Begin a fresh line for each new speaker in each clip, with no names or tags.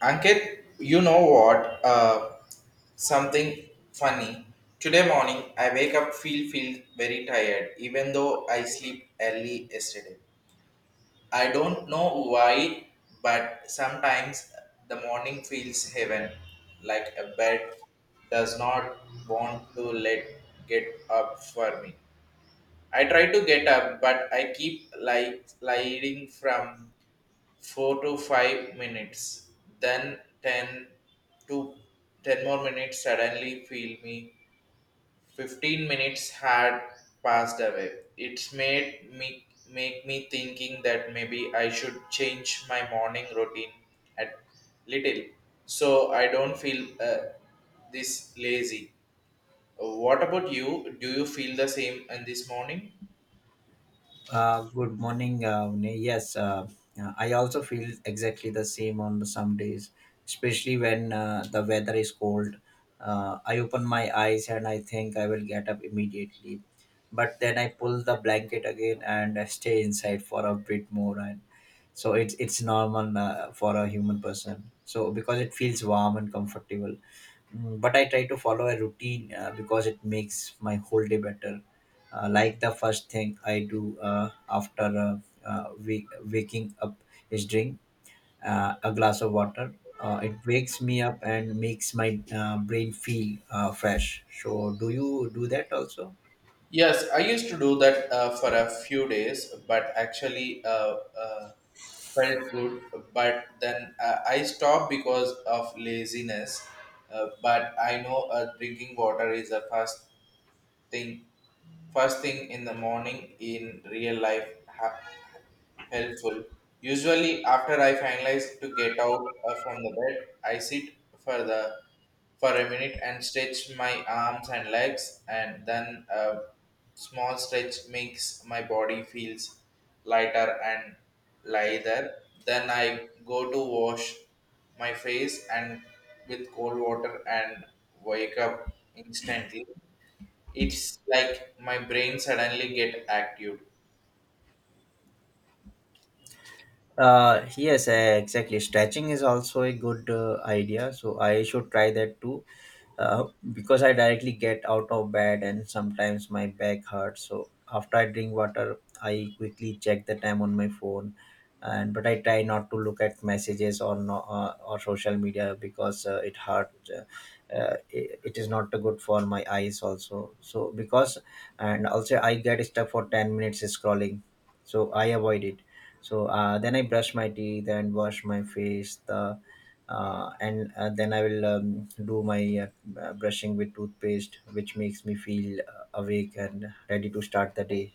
Ankit, you know what? Something funny. Today morning, I wake up feel very tired, even though I sleep early yesterday. I don't know why, but sometimes the morning feels heaven, like a bed does not want to let get up for me. I try to get up, but I keep like sliding from 4 to 5 minutes, then 10 to 10 more minutes suddenly feel me 15 minutes had passed away. It's made me thinking that maybe I should change my morning routine at little so I don't feel this lazy. What about you? Do you feel the same in this morning?
Good morning. Vinay. Yes, I also feel exactly the same on some days, especially when the weather is cold. I open my eyes and I think I will get up immediately, but then I pull the blanket again and I stay inside for a bit more. And so it's normal for a human person. So because it feels warm and comfortable. Mm, but I try to follow a routine because it makes my whole day better. Like the first thing I do after waking up is drink a glass of water. It wakes me up and makes my brain feel fresh. So, do you do that also?
Yes, I used to do that for a few days, but actually, felt good, but then I stopped because of laziness. But I know drinking water is a thing first thing in the morning in real life helpful. Usually, after I finalize to get out of from the bed, I sit for a minute and stretch my arms and legs, and then a small stretch makes my body feels lighter and lighter. Then I go to wash my face and with cold water and wake up instantly. It's like my brain suddenly get active.
Yes, exactly. Stretching is also a good idea. So I should try that too, uh, because I directly get out of bed and sometimes my back hurts. So after I drink water, I quickly check the time on my phone, and but I try not to look at messages or no, or social media because it hurt. Uh, it is not good for my eyes also. So because and also I get stuck for 10 minutes scrolling, so I avoid it so then I brush my teeth and wash my face the and then I will do my brushing with toothpaste which makes me feel awake and ready to start the day.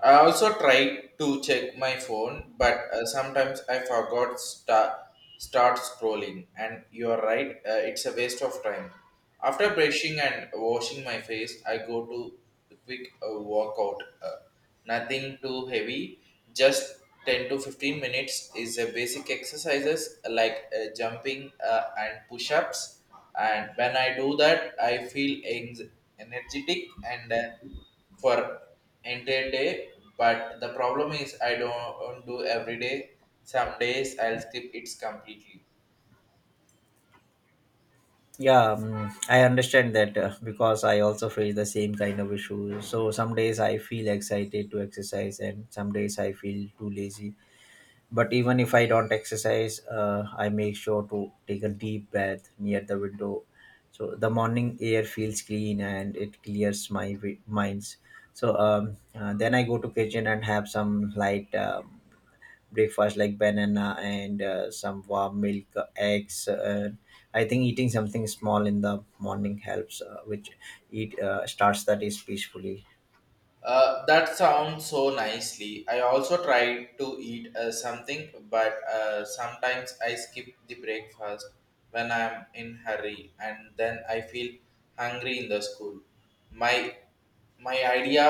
I also try to check my phone, but sometimes I forgot start scrolling. And you are right, it's a waste of time. After brushing and washing my face, I go to a quick walk. Uh, nothing too heavy, just 10 to 15 minutes is a basic exercises like jumping and push-ups. And when I do that, I feel energetic and for entire day. But the problem is I don't do every day. Some days I'll skip it completely.
Yeah, I understand that because I also face the same kind of issue so some days I feel excited to exercise and some days I feel too lazy. But even if I don't exercise, I make sure to take a deep breath near the window. So the morning air feels clean and it clears my minds. So then I go to kitchen and have some light breakfast like banana and some warm milk, eggs. I think eating something small in the morning helps, which it starts the day peacefully.
That sounds so nicely. I also try to eat something, but sometimes I skip the breakfast when I'm in hurry and then I feel hungry in the school. My My idea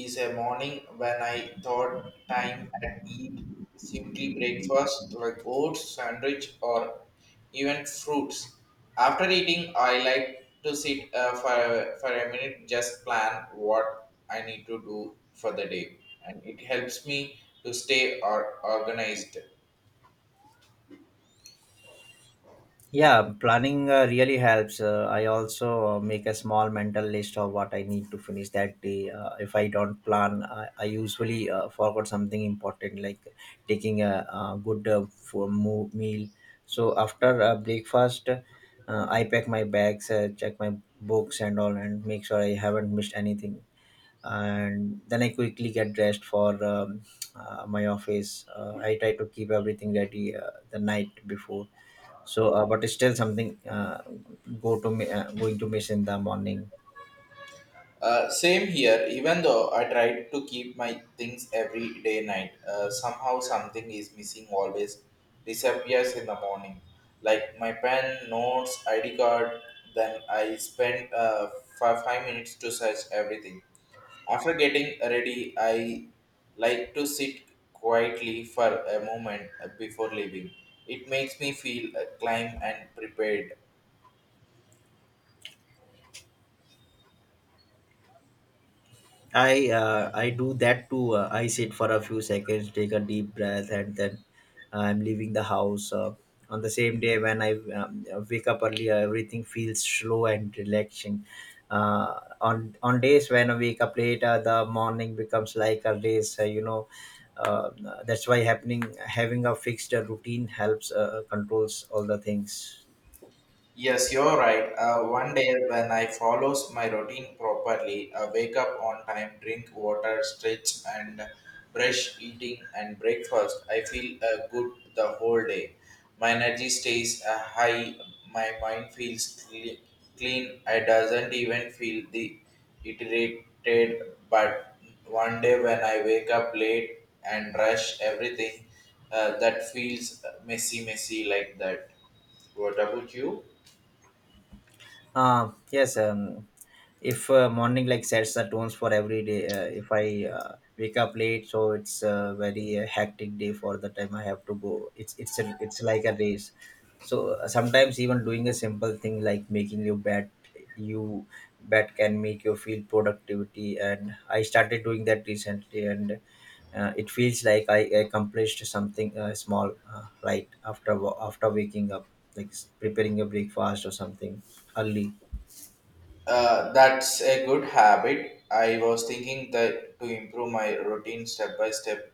is a morning when I thought time at eat simply breakfast like oats, sandwich, or even fruits. After eating, I like to sit for a minute, just plan what I need to do for the day, and it helps me to stay or organized.
Yeah, planning really helps. I also make a small mental list of what I need to finish that day. If I don't plan, I usually forgot something important like taking a, good meal. So after breakfast, I pack my bags, check my books and all, and make sure I haven't missed anything. And then I quickly get dressed for my office. I try to keep everything ready the night before so, but it's still something going to miss in the morning.
Same here, even though I tried to keep my things every day night, somehow something is missing always, disappears in the morning. Like my pen, notes, ID card, then I spent 5 minutes to search everything. After getting ready, I like to sit quietly for a moment before leaving. It makes me feel calm and prepared.
I do that too. I sit for a few seconds, take a deep breath, and then I'm leaving the house. On the same day when I wake up earlier, everything feels slow and relaxing. On days when I wake up later, the morning becomes like a race. You know, uh, that's why happening having a fixed routine helps controls all the things.
Yes, you're right. One day when I follows my routine properly, wake up on time, drink water, stretch, and brush eating and breakfast, I feel good the whole day. My energy stays high. My mind feels clean. I doesn't even feel the iterated. But one day when I wake up late and rush everything, that feels messy, messy like that. What about you?
Yes. If morning like sets the tones for every day. If I wake up late, so it's a very hectic day for the time I have to go. It's a, it's like a race. So sometimes even doing a simple thing like making your bed, you bed can make you feel productivity. And I started doing that recently, and it feels like I accomplished something small, right after after waking up, like preparing a breakfast or something. Ali.
That's a good habit. I was thinking that to improve my routine step by step,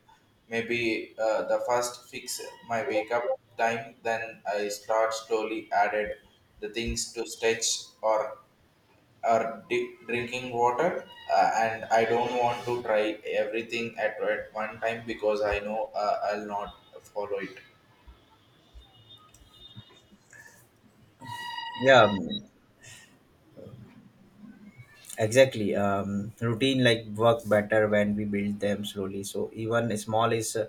maybe the first fix my wake up time, then I start slowly added the things to stretch or or drinking water. And I don't want to try everything at one time because I know I'll not follow it.
Yeah, mm, exactly. Routine like work better when we build them slowly. So even a small is uh,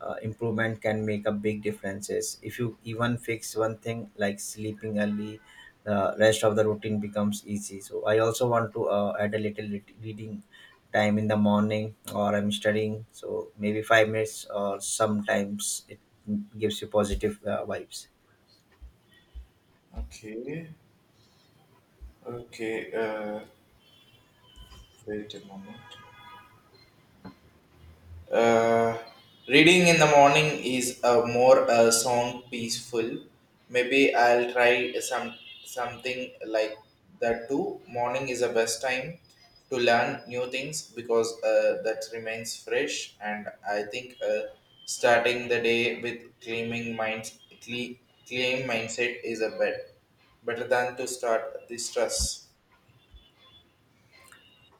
uh, improvement can make a big differences. If you even fix one thing like sleeping early, the rest of the routine becomes easy. So I also want to add a little reading time in the morning or I'm studying. So maybe 5 minutes or sometimes it mm, gives you positive vibes.
Okay, okay. Wait a moment. Uh, reading in the morning is a more sound peaceful. Maybe I'll try something like that too. Morning is the best time to learn new things because that remains fresh. And I think starting the day with claiming mind, cle- claim mindset is a better than to start the stress.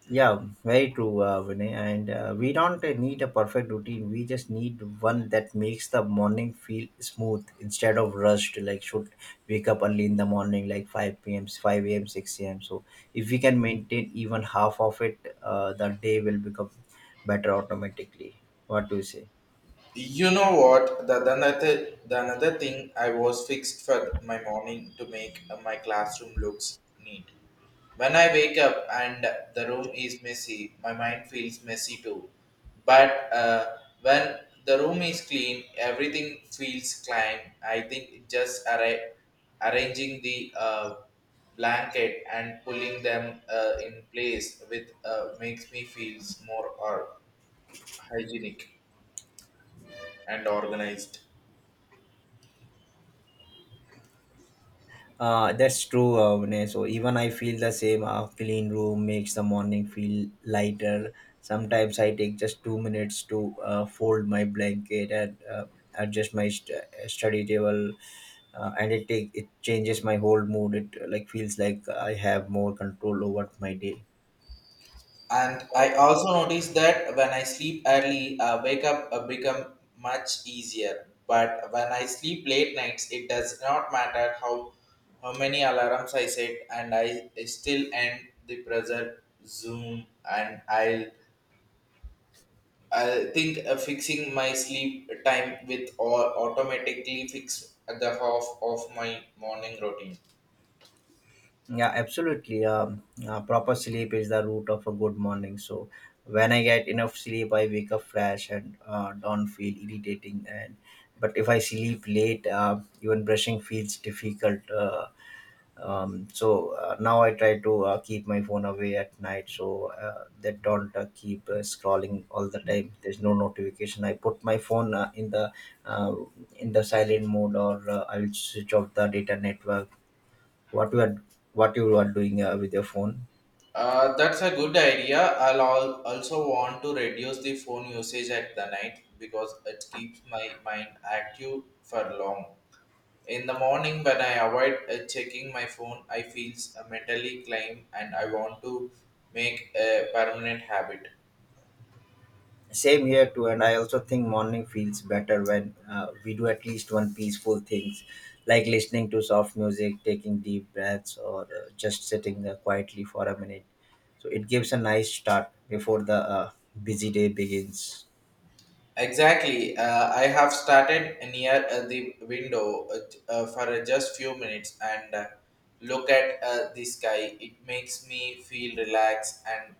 Yeah, very true, Vinay. And we don't need a perfect routine. We just need one that makes the morning feel smooth instead of rushed. Like, should wake up early in the morning, like 5 p.m., 5 a.m., 6 a.m. So, if we can maintain even half of it, the day will become better automatically. What do you say?
You know what? The another thing I was fixed for my morning to make my classroom looks neat. When I wake up and the room is messy, my mind feels messy too. But when the room is clean, everything feels clean. I think just arranging the blanket and pulling them in place with makes me feels more or hygienic and organized.
That's true, Vinay. So even I feel the same. A clean room makes the morning feel lighter. Sometimes I take just 2 minutes to fold my blanket and adjust my study table, and it changes my whole mood. It like feels like I have more control over my day.
And I also noticed that when I sleep early, wake up become much easier. But when I sleep late nights, it does not matter how many alarms I set, and I still end the present Zoom. And I think fixing my sleep time with all automatically fix the half of my morning routine.
Yeah, absolutely. Proper sleep is the root of a good morning. So when I get enough sleep, I wake up fresh and don't feel irritating. And but if I sleep late, even brushing feels difficult. Now I try to keep my phone away at night, so that don't keep scrolling all the time. There's no notification. I put my phone uh, in the silent mode, or I will switch off the data network. what you are what you are doing with your phone?
That's a good idea. I'll also want to reduce the phone usage at the night because it keeps my mind active for long. In the morning, when I avoid checking my phone, I feel mentally climb and I want to make a permanent habit.
Same here too, and I also think morning feels better when we do at least one peaceful things like listening to soft music, taking deep breaths, or just sitting quietly for a minute, so it gives a nice start before the busy day begins.
Exactly. I have started near the window for just few minutes and look at the sky. It makes me feel relaxed and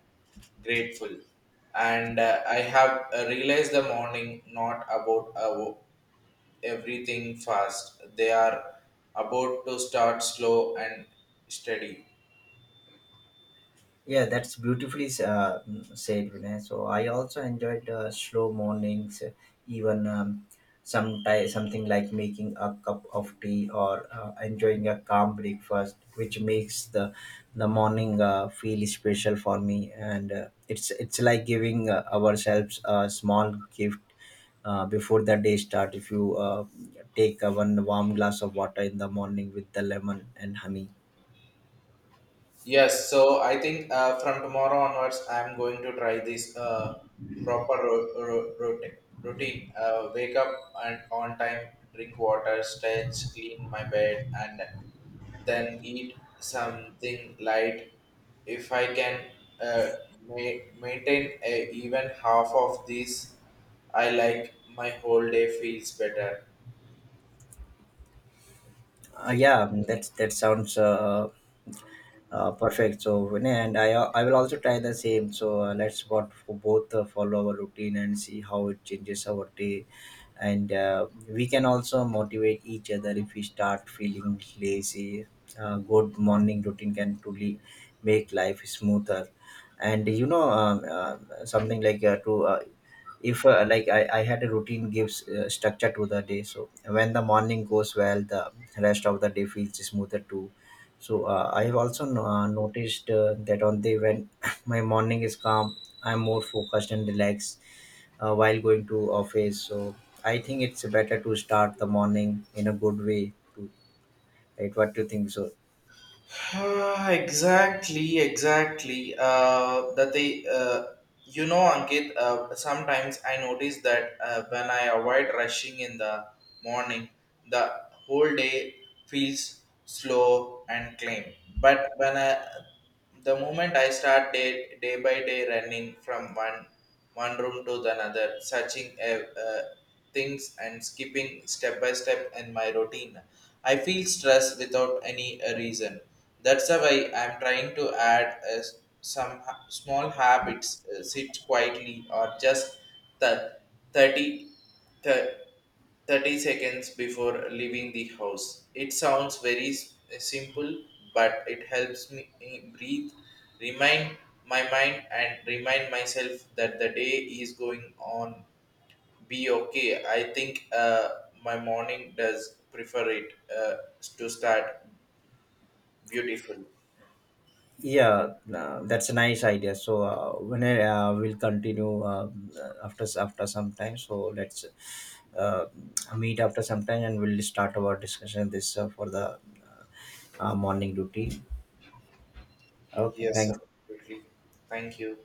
grateful. And I have realized the morning not about everything fast. They are about to start slow and steady.
Yeah, that's beautifully said, Vinay. So I also enjoyed slow mornings, even something like making a cup of tea or enjoying a calm breakfast, which makes the morning feel special for me. And it's like giving ourselves a small gift before the day start. If you take one warm glass of water in the morning with the lemon and honey.
Yes, so I think from tomorrow onwards, I'm going to try this proper routine. Wake up and on time, drink water, stretch, clean my bed, and then eat something light. If I can uh, maintain a, even half of this, I like my whole day feels better.
Yeah, that's that sounds. Perfect. So, and I will also try the same. So let's what for both follow our routine and see how it changes our day, and we can also motivate each other if we start feeling lazy. Good morning routine can truly make life smoother, and you know something like to if like I had a routine gives structure to the day, so when the morning goes well the rest of the day feels smoother too. So I have also noticed that on the when my morning is calm, I'm more focused and relaxed while going to office. So I think it's better to start the morning in a good way. To right, what do you think? So
Ah, exactly, exactly. You know, Ankit. Sometimes I notice that when I avoid rushing in the morning, the whole day feels slow and clean. But the moment I start day by day running from one room to the another, searching uh, things and skipping step by step in my routine. I feel stressed without any reason. That's why I'm trying to add some small habits, sit quietly or just the 30, thir- 30 seconds before leaving the house. It sounds very simple, but it helps me breathe, remind my mind, and remind myself that the day is going on be okay. I think my morning does prefer it to start beautiful.
yeah, that's a nice idea. So when I will continue after some time. So let's uh, meet after some time and we'll start our discussion this for the morning routine. Okay,
Yes,
thank
absolutely. Thank you.